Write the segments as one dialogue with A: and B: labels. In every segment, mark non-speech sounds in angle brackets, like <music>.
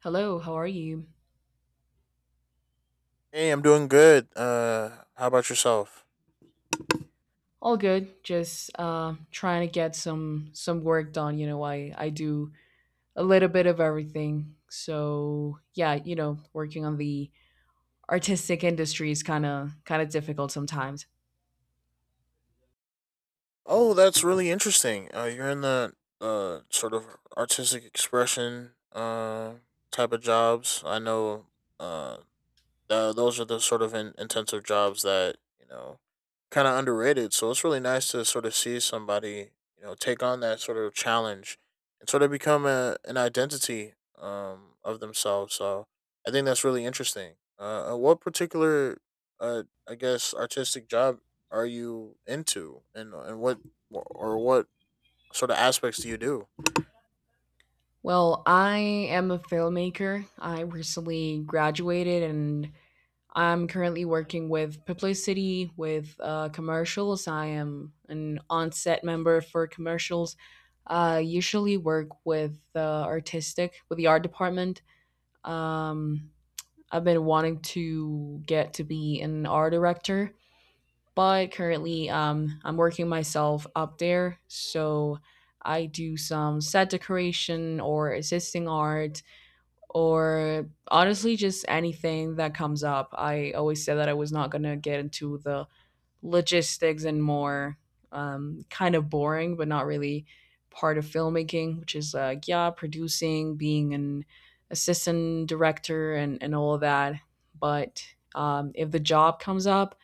A: Hello, how are you?
B: Hey, I'm doing good. How about yourself?
A: All good. Just trying to get some work done. I do a little bit of everything. So yeah, working on the artistic industry is kind of difficult sometimes.
B: Oh, that's really interesting. You're in the sort of artistic expression type of jobs. I know uh those are the sort of intensive jobs that kind of underrated. So it's really nice to sort of see somebody take on that sort of challenge and sort of become an identity of themselves. So I think that's really interesting. What particular, uh, I guess, artistic job are you into, and what or what sort of aspects do you do?
A: Well, I am a filmmaker. I recently graduated and I'm currently working with publicity, with commercials. I am an on-set member for commercials. I usually work with the artistic, with the art department. Um, I've been wanting to get to be an art director, but currently I'm working myself up there. So I do some set decoration or assisting art or honestly just anything that comes up. I always said that I was not going to get into the logistics and more, kind of boring, but not really part of filmmaking, which is like, yeah, producing, being an assistant director, and all of that. But if the job comes up,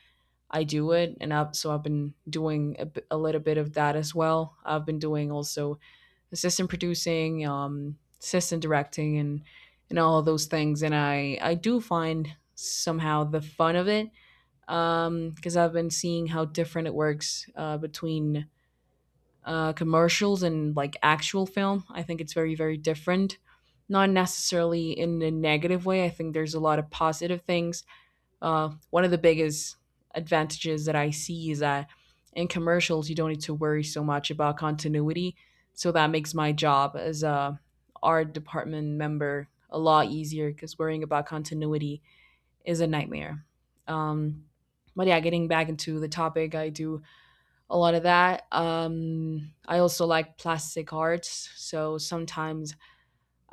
A: I do it. And I've been doing a little bit of that as well. I've been doing also assistant producing, assistant directing, and all of those things. And I do find somehow the fun of it, because I've been seeing how different it works, between commercials and like actual film. I think it's very very different. Not necessarily in a negative way. I think there's a lot of positive things. One of the biggest advantages that I see is that in commercials, you don't need to worry so much about continuity. So that makes my job as a art department member a lot easier because worrying about continuity is a nightmare. Um, but yeah, getting back into the topic, I do a lot of that. I also like plastic arts. So sometimes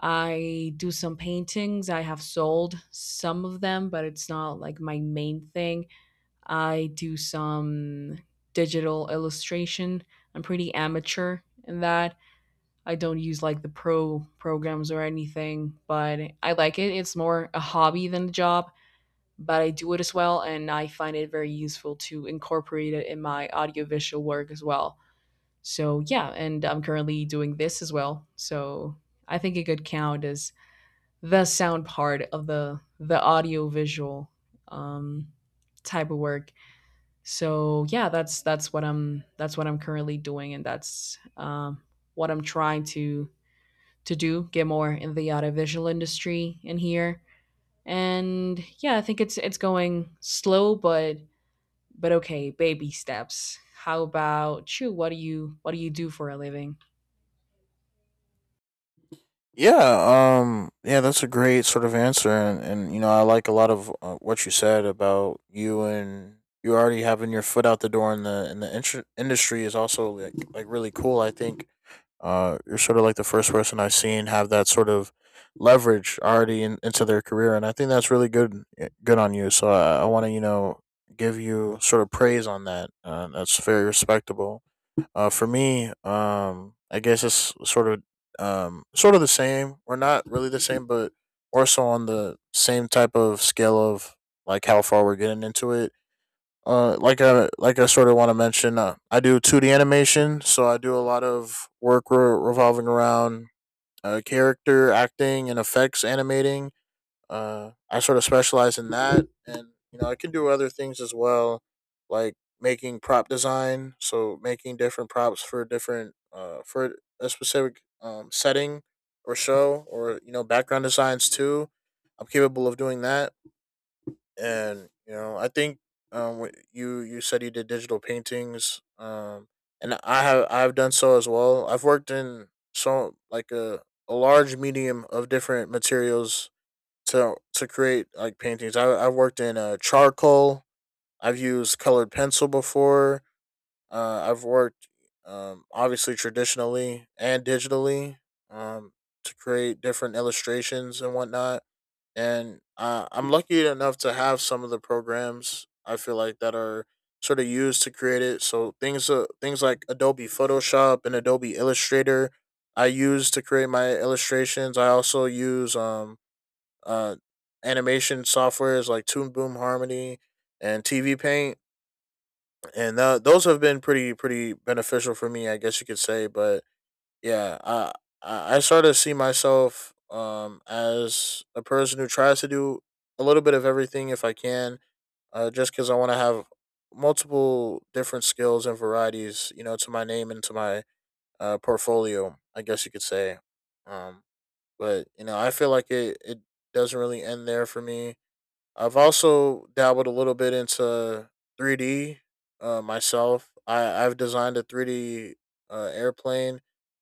A: I do some paintings. I have sold some of them, but it's not like my main thing. I do some digital illustration. I'm pretty amateur in that. I don't use like the pro programs or anything, but I like it. It's more a hobby than a job, but I do it as well and I find it very useful to incorporate it in my audiovisual work as well. So, yeah, and I'm currently doing this as well. So, I think it could count as the sound part of the audiovisual um type of work. So yeah, that's what I'm currently doing, and that's, what I'm trying to do, get more in the audiovisual industry in here. And yeah, I think it's going slow, but okay, baby steps. How about you? What do you do for a living?
B: Yeah, that's a great sort of answer, and you know, I like a lot of what you said about you and you already having your foot out the door in the industry is also like really cool. I think you're sort of like the first person I've seen have that sort of leverage already into their career, and I think that's really good good on you. So I want to give you sort of praise on that. That's very respectable. For me, I guess it's sort of the same, or not really the same, but more so on the same type of scale of like how far we're getting into it. I sort of want to mention, I do two D animation, so I do a lot of work revolving around character acting and effects animating. I sort of specialize in that, and you know I can do other things as well, like making prop design. So making different props for different for a specific setting or show, or you know background designs too. I'm capable of doing that, and you know I think you said you did digital paintings and I've done so as well. I've worked in so like a large medium of different materials to create like paintings. I've worked in charcoal. I've used colored pencil before. I've worked obviously traditionally and digitally, um, to create different illustrations and whatnot. And I'm lucky enough to have some of the programs I feel like that are sort of used to create it. So things like Adobe Photoshop and Adobe Illustrator I use to create my illustrations. I also use uh, animation softwares like Toon Boom Harmony and TV Paint, and those have been pretty beneficial for me, I guess you could say. But yeah, I sort of see myself as a person who tries to do a little bit of everything if I can, just because I want to have multiple different skills and varieties, you know, to my name and to my portfolio, I guess you could say. Um, but you know, I feel like it doesn't really end there for me. I've also dabbled a little bit into 3D, myself. I've designed a 3D airplane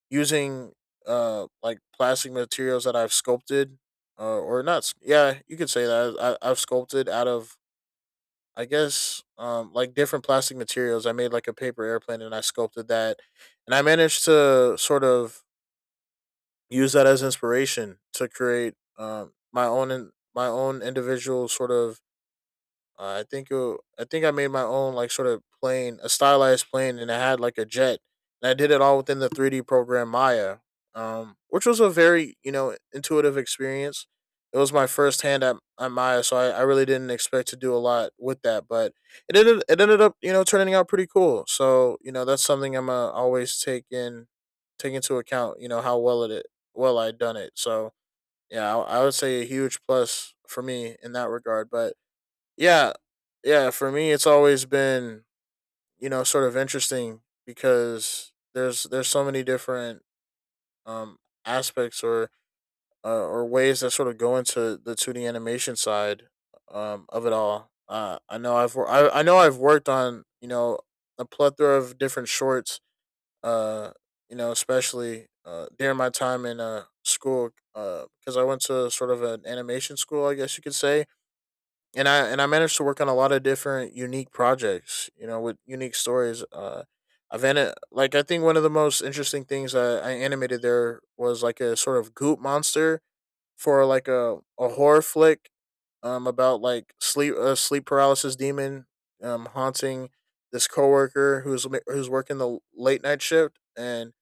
B: using like plastic materials that I've sculpted, or not. S- Yeah, you could say that I've sculpted out of, I guess, like different plastic materials. I made like a paper airplane and I sculpted that, and I managed to sort of use that as inspiration to create my own my own individual sort of I think I made my own like sort of plane, a stylized plane, and I had like a jet, and I did it all within the 3D program Maya, which was a very you know intuitive experience. It was my first hand at Maya, so I really didn't expect to do a lot with that, but it ended up you know turning out pretty cool. So you know that's something I'm always take in take into account. You know how well it well I done it. So yeah, I would say a huge plus for me in that regard, but yeah. Yeah, for me it's always been, you know, sort of interesting because there's so many different um aspects or ways that sort of go into the 2D animation side of it all. I know I've worked on, you know, a plethora of different shorts, uh you know, especially during my time in school, because I went to sort of an animation school, I guess you could say, and I managed to work on a lot of different unique projects, you know, with unique stories. Like I think one of the most interesting things that I animated there was like a sort of goop monster for like a horror flick, about like sleep a sleep paralysis demon, haunting this coworker who's working the late night shift, and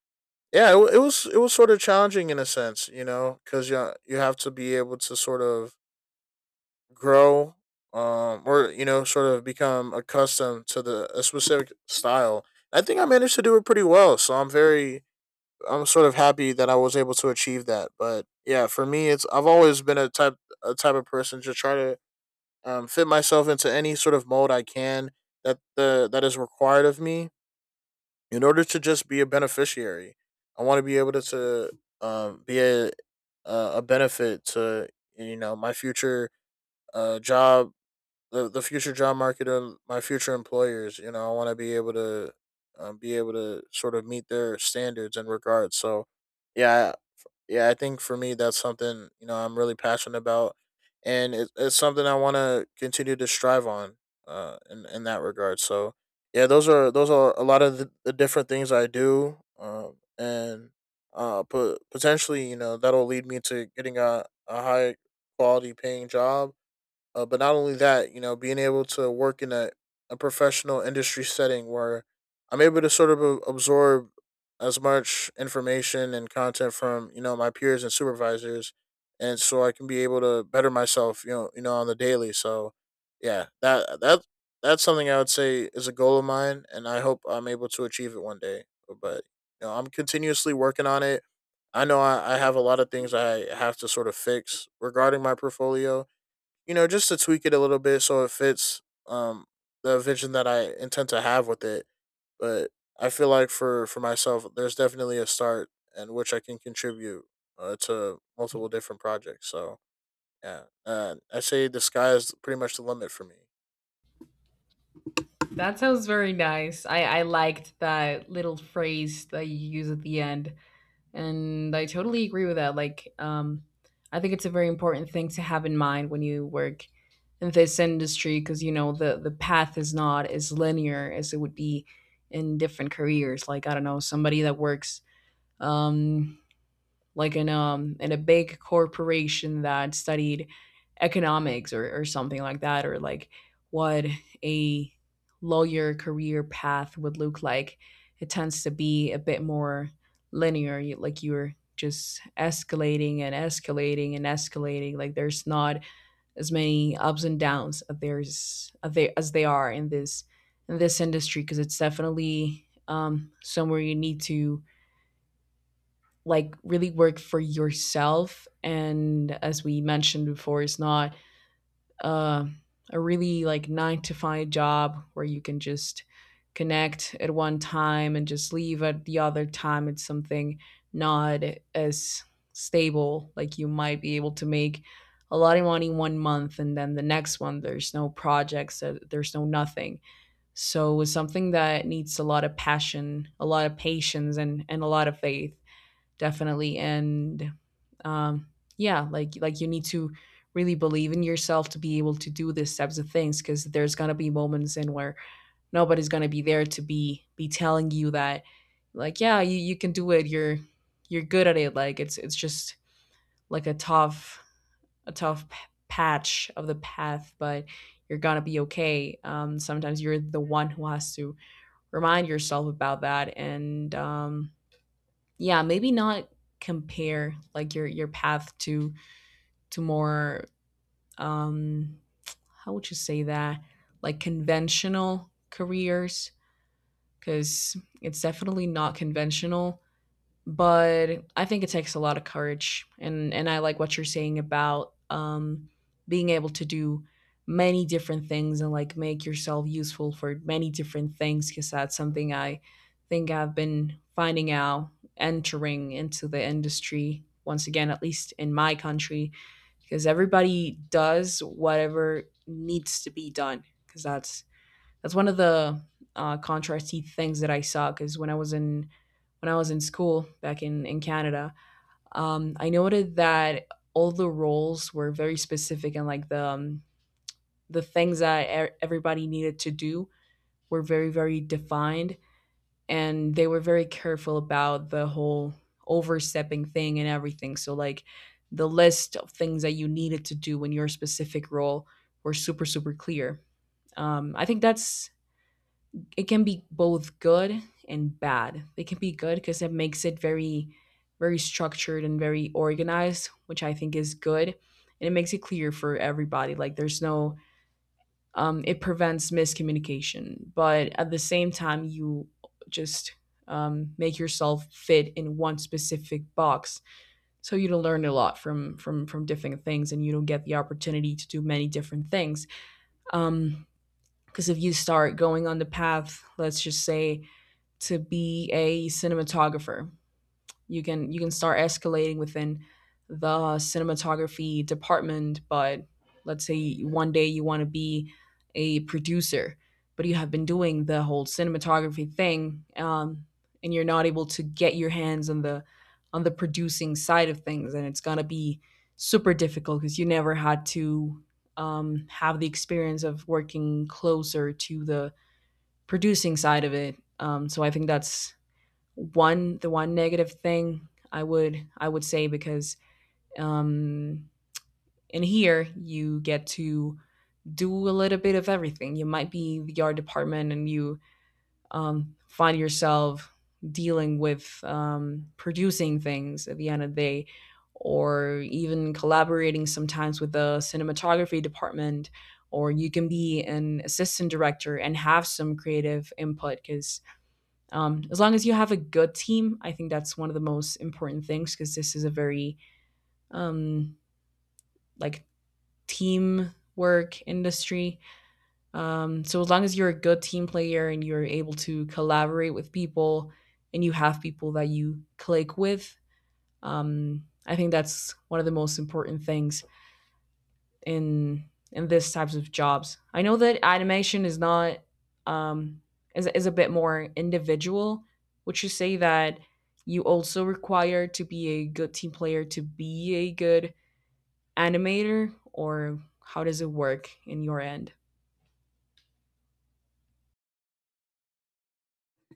B: yeah, it, wa- it was sort of challenging in a sense, you know, because you have to be able to sort of grow or you know sort of become accustomed to the a specific style. I think I managed to do it pretty well, so I'm very, I'm sort of happy that I was able to achieve that. But yeah, for me it's, I've always been a type of person to try to, fit myself into any sort of mold I can, that is required of me, in order to just be a beneficiary. I want to be able to, be a benefit to, you know, my future job the future job market and my future employers. You know, I want to be able to, be able to sort of meet their standards and regards. So, yeah, yeah, I think for me that's something you know I'm really passionate about, and it's something I want to continue to strive on. In that regard. So, yeah, those are a lot of the different things I do. And put potentially you know that'll lead me to getting a high quality paying job, but not only that, you know, being able to work in a professional industry setting where I'm able to sort of absorb as much information and content from, you know, my peers and supervisors. And so I can be able to better myself, you know, on the daily. So yeah, that's something I would say is a goal of mine and I hope I'm able to achieve it one day. But, you know, I'm continuously working on it. I know I have a lot of things I have to sort of fix regarding my portfolio, you know, just to tweak it a little bit so it fits um the vision that I intend to have with it. But I feel like for myself, there's definitely a start in which I can contribute, to multiple different projects. So yeah, I say the sky is pretty much the limit for me.
A: That sounds very nice. I liked that little phrase that you use at the end. And I totally agree with that. Like, I think it's a very important thing to have in mind when you work in this industry because you know the path is not as linear as it would be in different careers. Like, I don't know, somebody that works, um like in a big corporation, that studied economics, or something like that, or like what a lawyer career path would look like. It tends to be a bit more linear. Like, you're just escalating and escalating and escalating. Like there's not as many ups and downs as there's as they are in this industry, because it's definitely, somewhere you need to like really work for yourself. And as we mentioned before, it's not, uh, a really like nine to five job where you can just connect at one time and just leave at the other time. It's something not as stable. Like you might be able to make a lot of money one month and then the next one there's no projects, there's no nothing. So it's something that needs a lot of passion, a lot of patience, and a lot of faith, definitely. And, um, yeah, like you need to really believe in yourself to be able to do these types of things, because there's gonna be moments in where nobody's gonna be there to be telling you that, like, yeah, you can do it, you're good at it. Like it's just like a a tough p- patch of the path, but you're gonna be okay. Sometimes you're the one who has to remind yourself about that. And, yeah, maybe not compare, like, your path to more, um how would you say that, like, conventional careers, because it's definitely not conventional. But I think it takes a lot of courage. And I like what you're saying about, being able to do many different things and like make yourself useful for many different things, because that's something I think I've been finding out entering into the industry once again, at least in my country, because everybody does whatever needs to be done. Because that's one of the, contrasty things that I saw, because when I was in school back in Canada, I noted that all the roles were very specific, and like the, the things that everybody needed to do were very very defined, and they were very careful about the whole overstepping thing and everything. So like the list of things that you needed to do in your specific role were super super clear. I think that's it can be both good and bad. It can be good because it makes it very, very structured and very organized, which I think is good. And it makes it clear for everybody. Like there's no, it prevents miscommunication. But at the same time, you just, make yourself fit in one specific box. So you don't learn a lot from different things, and you don't get the opportunity to do many different things. Um, because if you start going on the path, let's just say, to be a cinematographer. You can start escalating within the cinematography department. But let's say one day you want to be a producer, but you have been doing the whole cinematography thing, and you're not able to get your hands on the producing side of things, and it's gonna be super difficult because you never had to, have the experience of working closer to the producing side of it. So I think that's one the one negative thing I would say, because, um, in here you get to do a little bit of everything. You might be the art department and you, find yourself dealing with, producing things at the end of the day, or even collaborating sometimes with the cinematography department. Or you can be an assistant director and have some creative input because, as long as you have a good team, I think that's one of the most important things, because this is a very, um, like, team work industry. So as long as you're a good team player and you're able to collaborate with people, and you have people that you click with, I think that's one of the most important things in this types of jobs. I know that animation is not, um, is a bit more individual. Would you say that you also require to be a good team player to be a good animator, or how does it work in your end?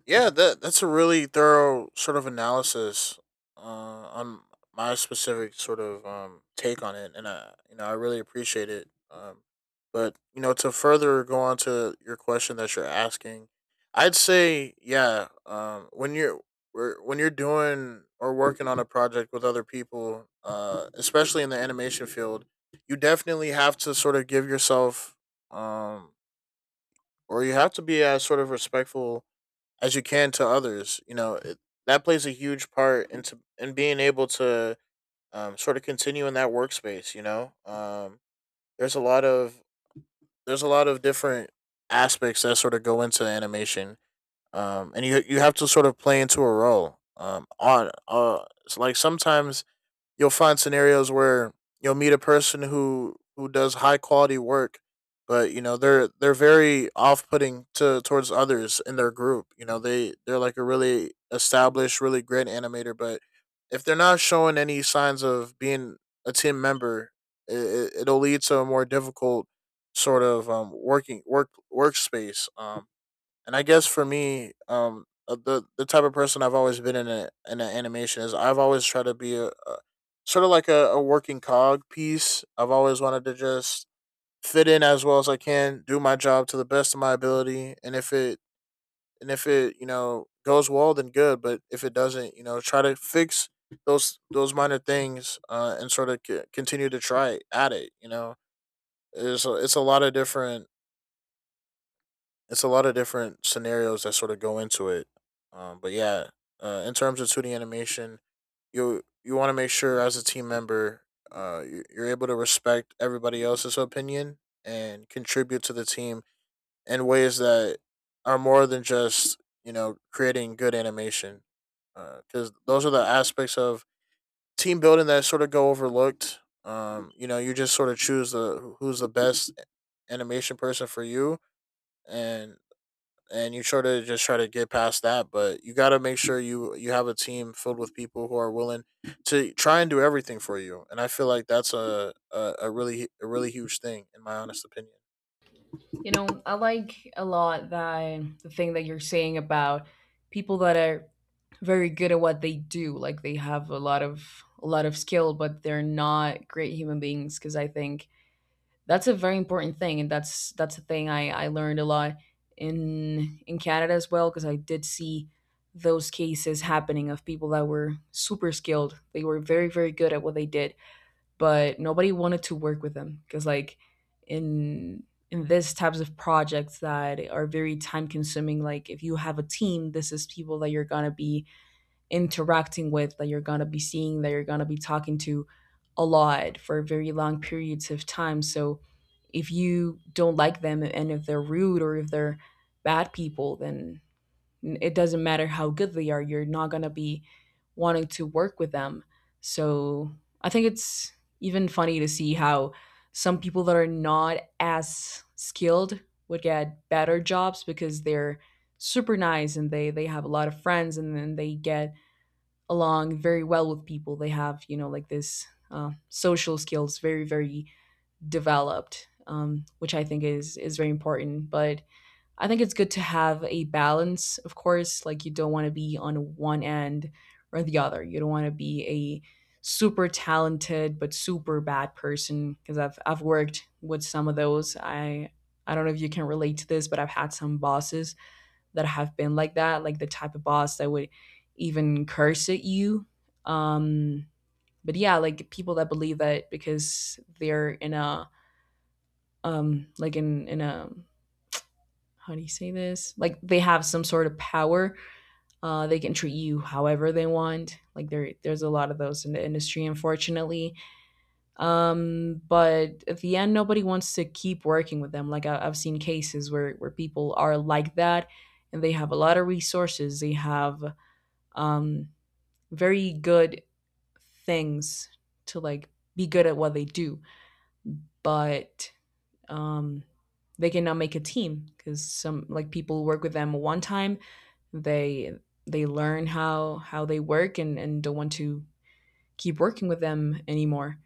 B: Yeah, that's a really thorough sort of analysis on my specific sort of take on it, and I you know I really appreciate it. But you know to further go on to your question that you're asking, I'd say when you're we when you're doing or working on a project with other people, especially in the animation field, you definitely have to sort of give yourself, um, or you have to be as sort of respectful as you can to others. You know, that plays a huge part into in being able to, sort of continue in that workspace. You know, there's a lot of, different aspects that sort of go into animation, and you have to sort of play into a role. On It's like sometimes you'll find scenarios where you'll meet a person who does high quality work, but you know they're very off putting to towards others in their group. You know they're like a really established, really great animator, but if they're not showing any signs of being a team member, it'll lead to a more difficult sort of, working workspace. And I guess for me, the type of person I've always been in a animation is I've always tried to be a sort of like a working cog piece. I've always wanted to just fit in as well as I can, do my job to the best of my ability, and if it goes well, then good. But if it doesn't, try to fix those minor things and sort of continue to try at it. You know, it's a lot of different it's a lot of different scenarios that sort of go into it. Um, but yeah, in terms of 2D animation, you want to make sure as a team member, you're able to respect everybody else's opinion and contribute to the team in ways that are more than just creating good animation. Because those are the aspects of team building that sort of go overlooked. You just sort of choose the who's the best animation person for you, and you sort of just try to get past that. But you got to make sure you have a team filled with people who are willing to try and do everything for you. And I feel like that's a really huge thing, in my honest opinion.
A: You know, I like a lot that the thing that you're saying about people that are very good at what they do, like they have a lot of skill, but they're not great human beings. Because I think that's a very important thing, and that's a thing I learned a lot in Canada as well, because I did see those cases happening of people that were super skilled. They were very very good at what they did, but nobody wanted to work with them, because like in in this types of projects that are very time consuming, like if you have a team, this is people that you're going to be interacting with, that you're going to be seeing, that you're going to be talking to a lot for very long periods of time. So if you don't like them and if they're rude or if they're bad people, then it doesn't matter how good they are. You're not going to be wanting to work with them. So I think it's even funny to see how some people that are not as skilled would get better jobs, because they're super nice, and they have a lot of friends, and then they get along very well with people. They have, you know, like this social skills very, very developed, which I think is very important. But I think it's good to have a balance, of course. Like you don't want to be on one end or the other. You don't want to be a super talented but super bad person because I've worked with some of those. I don't know if you can relate to this, but I've had some bosses that have been like that, like the type of boss that would even curse at you. Um, but yeah, like people that believe that because they're in a like in a how do you say this? Like they have some sort of power. They can treat you however they want. Like there's a lot of those in the industry, unfortunately. But at the end, nobody wants to keep working with them. Like I've seen cases where people are like that, and they have a lot of resources. They have um, very good things to like be good at what they do, but um, they cannot make a team because some like people work with them one time, they they learn how they work and don't want to keep working with them anymore.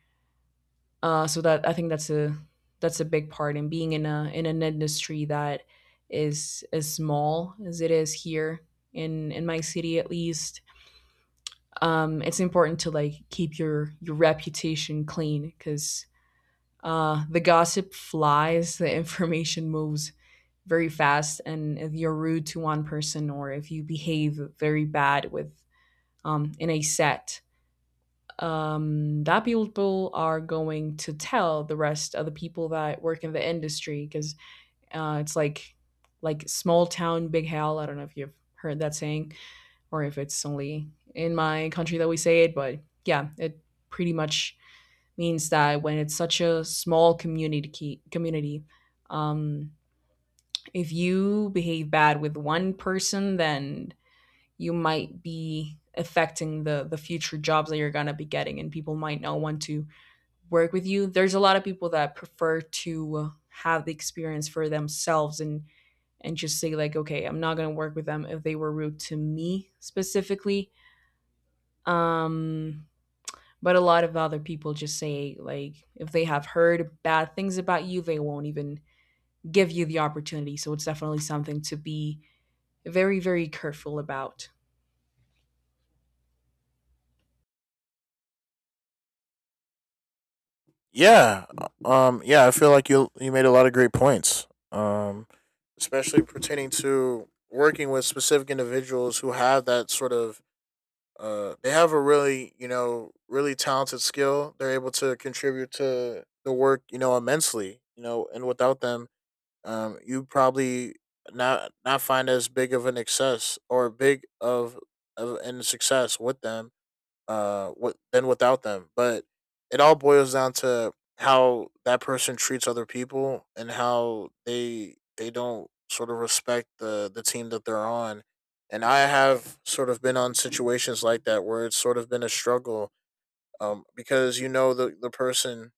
A: So that I think that's a big part in being in a in an industry that is as small as it is here in my city at least. It's important to like keep your reputation clean because the gossip flies, the <laughs> information moves very fast, and if you're rude to one person or if you behave very bad with in a set, that people are going to tell the rest of the people that work in the industry because it's like small town big hell. I don't know if you've heard that saying, or if it's only in my country that we say it. But yeah, it pretty much means that when it's such a small community, um, if you behave bad with one person, then you might be affecting the future jobs that you're gonna be getting, and people might not want to work with you. There's a lot of people that prefer to have the experience for themselves and just say like, okay, I'm not gonna work with them if they were rude to me specifically. Um, but a lot of other people just say like if they have heard bad things about you, they won't even give you the opportunity. So it's definitely something to be very, very careful about.
B: Yeah, yeah, I feel like you made a lot of great points, especially pertaining to working with specific individuals who have that sort of they have a really really talented skill. They're able to contribute to the work immensely. You know, and without them, you probably not find as big of an excess or big of in success with them than without them, but it all boils down to how that person treats other people and how they don't sort of respect the team that they're on. And I have sort of been on situations like that where it's sort of been a struggle, because you know the person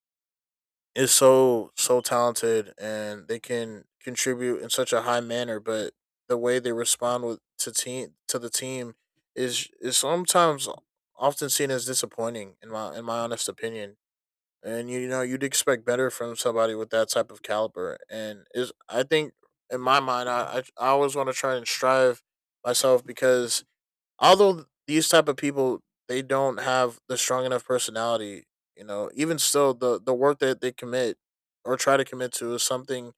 B: is so talented and they can contribute in such a high manner, but the way they respond with to team to the team is sometimes often seen as disappointing in my honest opinion. And you know, you'd expect better from somebody with that type of caliber. And is, I think, in my mind, I always want to try and strive myself because although these type of people, they don't have the strong enough personality, you know, even still the work that they commit or try to commit to is something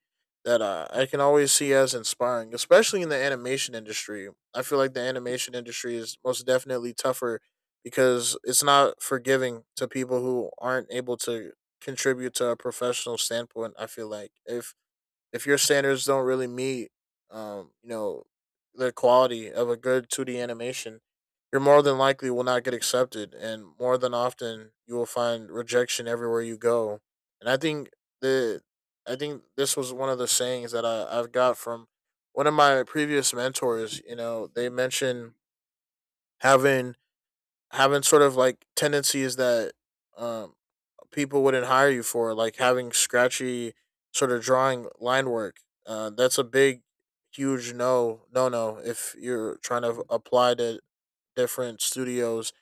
B: that, I can always see as inspiring, especially in the animation industry. I feel like the animation industry is most definitely tougher because it's not forgiving to people who aren't able to contribute to a professional standpoint. I feel like if your standards don't really meet, um, you know, the quality of a good 2D animation, you're more than likely will not get accepted, and more than often you will find rejection everywhere you go. And I think the, I think this was one of the sayings that I've got from one of my previous mentors. You know, they mentioned having having sort of like tendencies that um people wouldn't hire you for, like having scratchy sort of drawing line work. That's a big, huge no, no, no. If you're trying to apply to different studios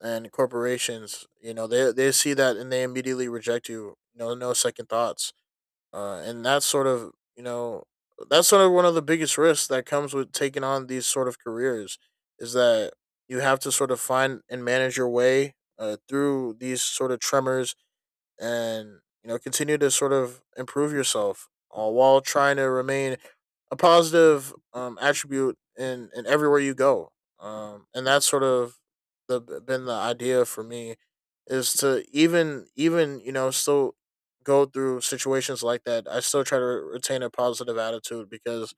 B: and corporations, you know they see that and they immediately reject you. No, no second thoughts. And that's sort of one of the biggest risks that comes with taking on these sort of careers is that you have to sort of find and manage your way, through these sort of tremors, and you know continue to sort of improve yourself, while trying to remain a positive attribute in everywhere you go. And that's sort of the idea for me is to even you know still go through situations like that. I still try to retain a positive attitude because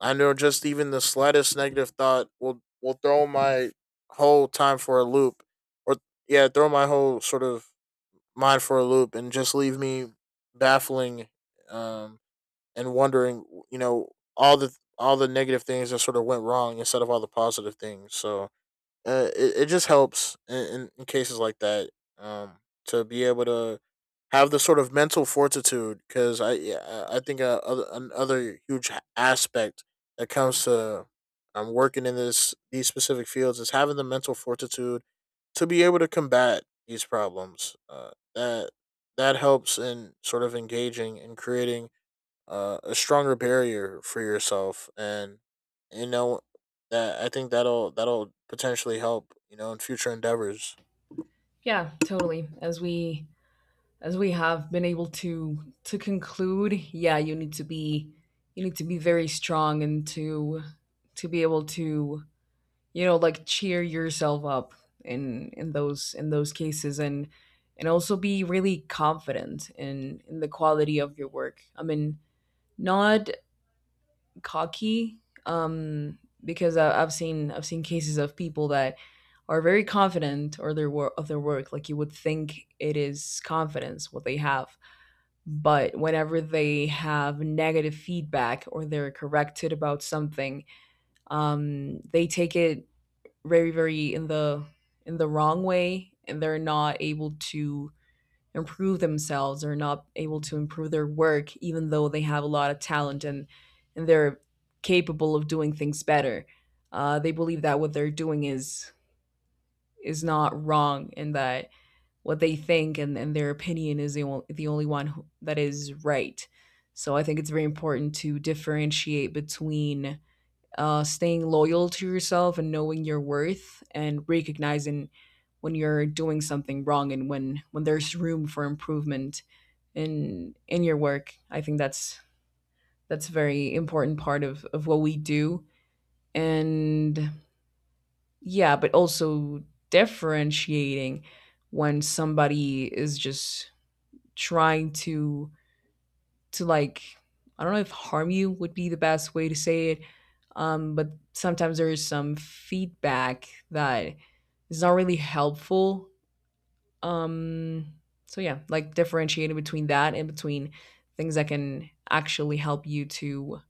B: I know just even the slightest negative thought will throw my whole time for a loop, or yeah, throw my whole sort of mind for a loop and just leave me baffling, um, and wondering, you know, all the negative things that sort of went wrong instead of all the positive things. So it just helps in, in cases like that, um, to be able to have the sort of mental fortitude. Because I, yeah, I think a, other another huge aspect that comes to, working in this these specific fields is having the mental fortitude to be able to combat these problems. That helps in sort of engaging and creating a stronger barrier for yourself, and you know that, I think that'll potentially help you know in future endeavors.
A: Yeah, totally. As we have been able to conclude, yeah, you need to be. You need to be very strong and to be able to, you know, like cheer yourself up in those in those cases, and also be really confident in the quality of your work. I mean, not cocky. um because I've seen cases of people that are very confident or their work of their work, like you would think it is confidence what they have, but whenever they have negative feedback or they're corrected about something, they take it very, very in the wrong way, and they're not able to improve themselves or not able to improve their work even though they have a lot of talent, and they're capable of doing things better. They believe that what they're doing is not wrong, and that what they think and their opinion is only the only one that is right. So I think it's very important to differentiate between staying loyal to yourself and knowing your worth, and recognizing when you're doing something wrong and when there's room for improvement in your work. I think that's a very important part of what we do. And yeah, but also differentiating when somebody is just trying to like, I don't know if harm you would be the best way to say it, but sometimes there is some feedback that is not really helpful. Um, so yeah, like differentiating between that and between things that can actually help you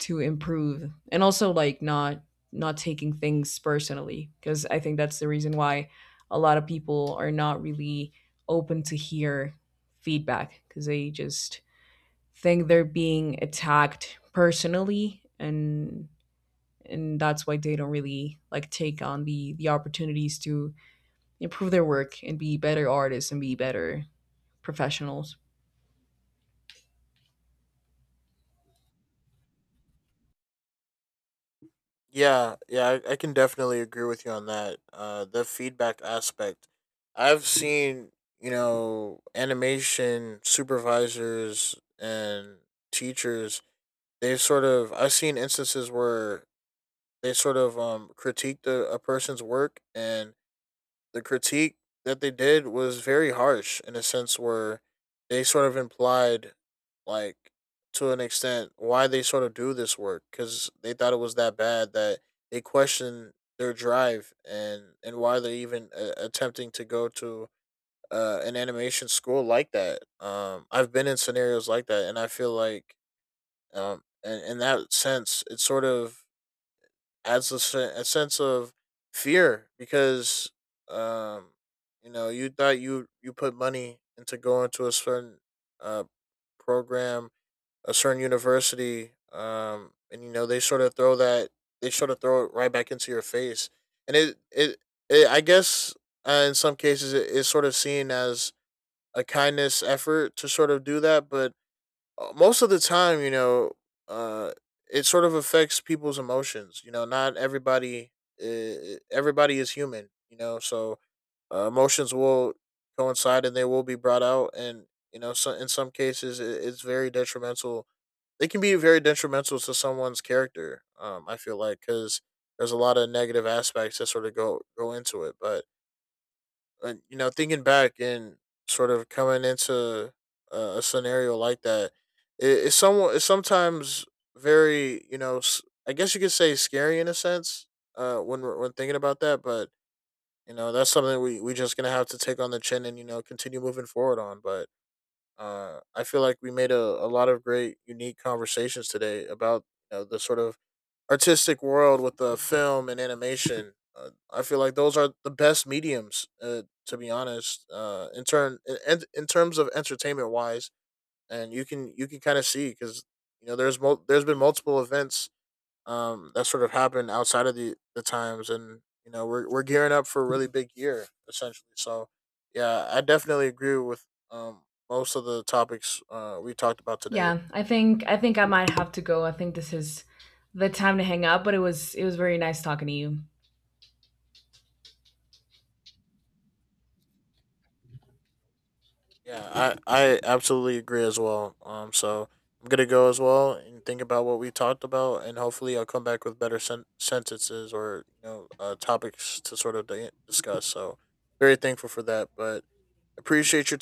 A: to improve, and also like not not taking things personally, because I think that's the reason why a lot of people are not really open to hear feedback, because they just think they're being attacked personally, and that's why they don't really like take on the opportunities to improve their work and be better artists and be better professionals.
B: I can definitely agree with you on that. Uh, the feedback aspect, I've seen, you know, animation supervisors and teachers, they've sort of, I've seen instances where they sort of critiqued a person's work, and the critique that they did was very harsh, in a sense where they sort of implied, like, to an extent, why they sort of do this work because they thought it was that bad that they questioned their drive and why they're even, attempting to go to an animation school like that. I've been in scenarios like that, and I feel like, in that sense, it sort of adds a sense of fear. Because um you know you thought you put money into going to a certain uh program, a certain university, and you know they sort of throw it right back into your face, and it, I guess, in some cases it's sort of seen as a kindness effort to sort of do that. But most of the time, you know, uh, it sort of affects people's emotions. You know, not everybody, everybody is human. You know, so emotions will coincide and they will be brought out, and you know, so in some cases, it's very detrimental. They can be very detrimental to someone's character. I feel like because there's a lot of negative aspects that sort of go into it. But and you know, thinking back and sort of coming into a scenario like that, it's somewhat, it's sometimes very you know I guess you could say scary in a sense, when thinking about that. But you know that's something we just gonna have to take on the chin and you know continue moving forward on. But I feel like we made a lot of great unique conversations today about you know the sort of artistic world with the film and animation. I feel like those are the best mediums, to be honest. In turn, in terms of entertainment wise, and you can kind of see because you know there's been multiple events, that sort of happened outside of the times, and you know we're gearing up for a really big year essentially. So yeah, I definitely agree with, most of the topics, we talked about today.
A: Yeah, I think I might have to go. I think this is the time to hang up, but it was very nice talking to you.
B: Yeah, I absolutely agree as well. So I'm gonna go as well and think about what we talked about, and hopefully I'll come back with better sentences or you know topics to sort of discuss. So very thankful for that, but appreciate your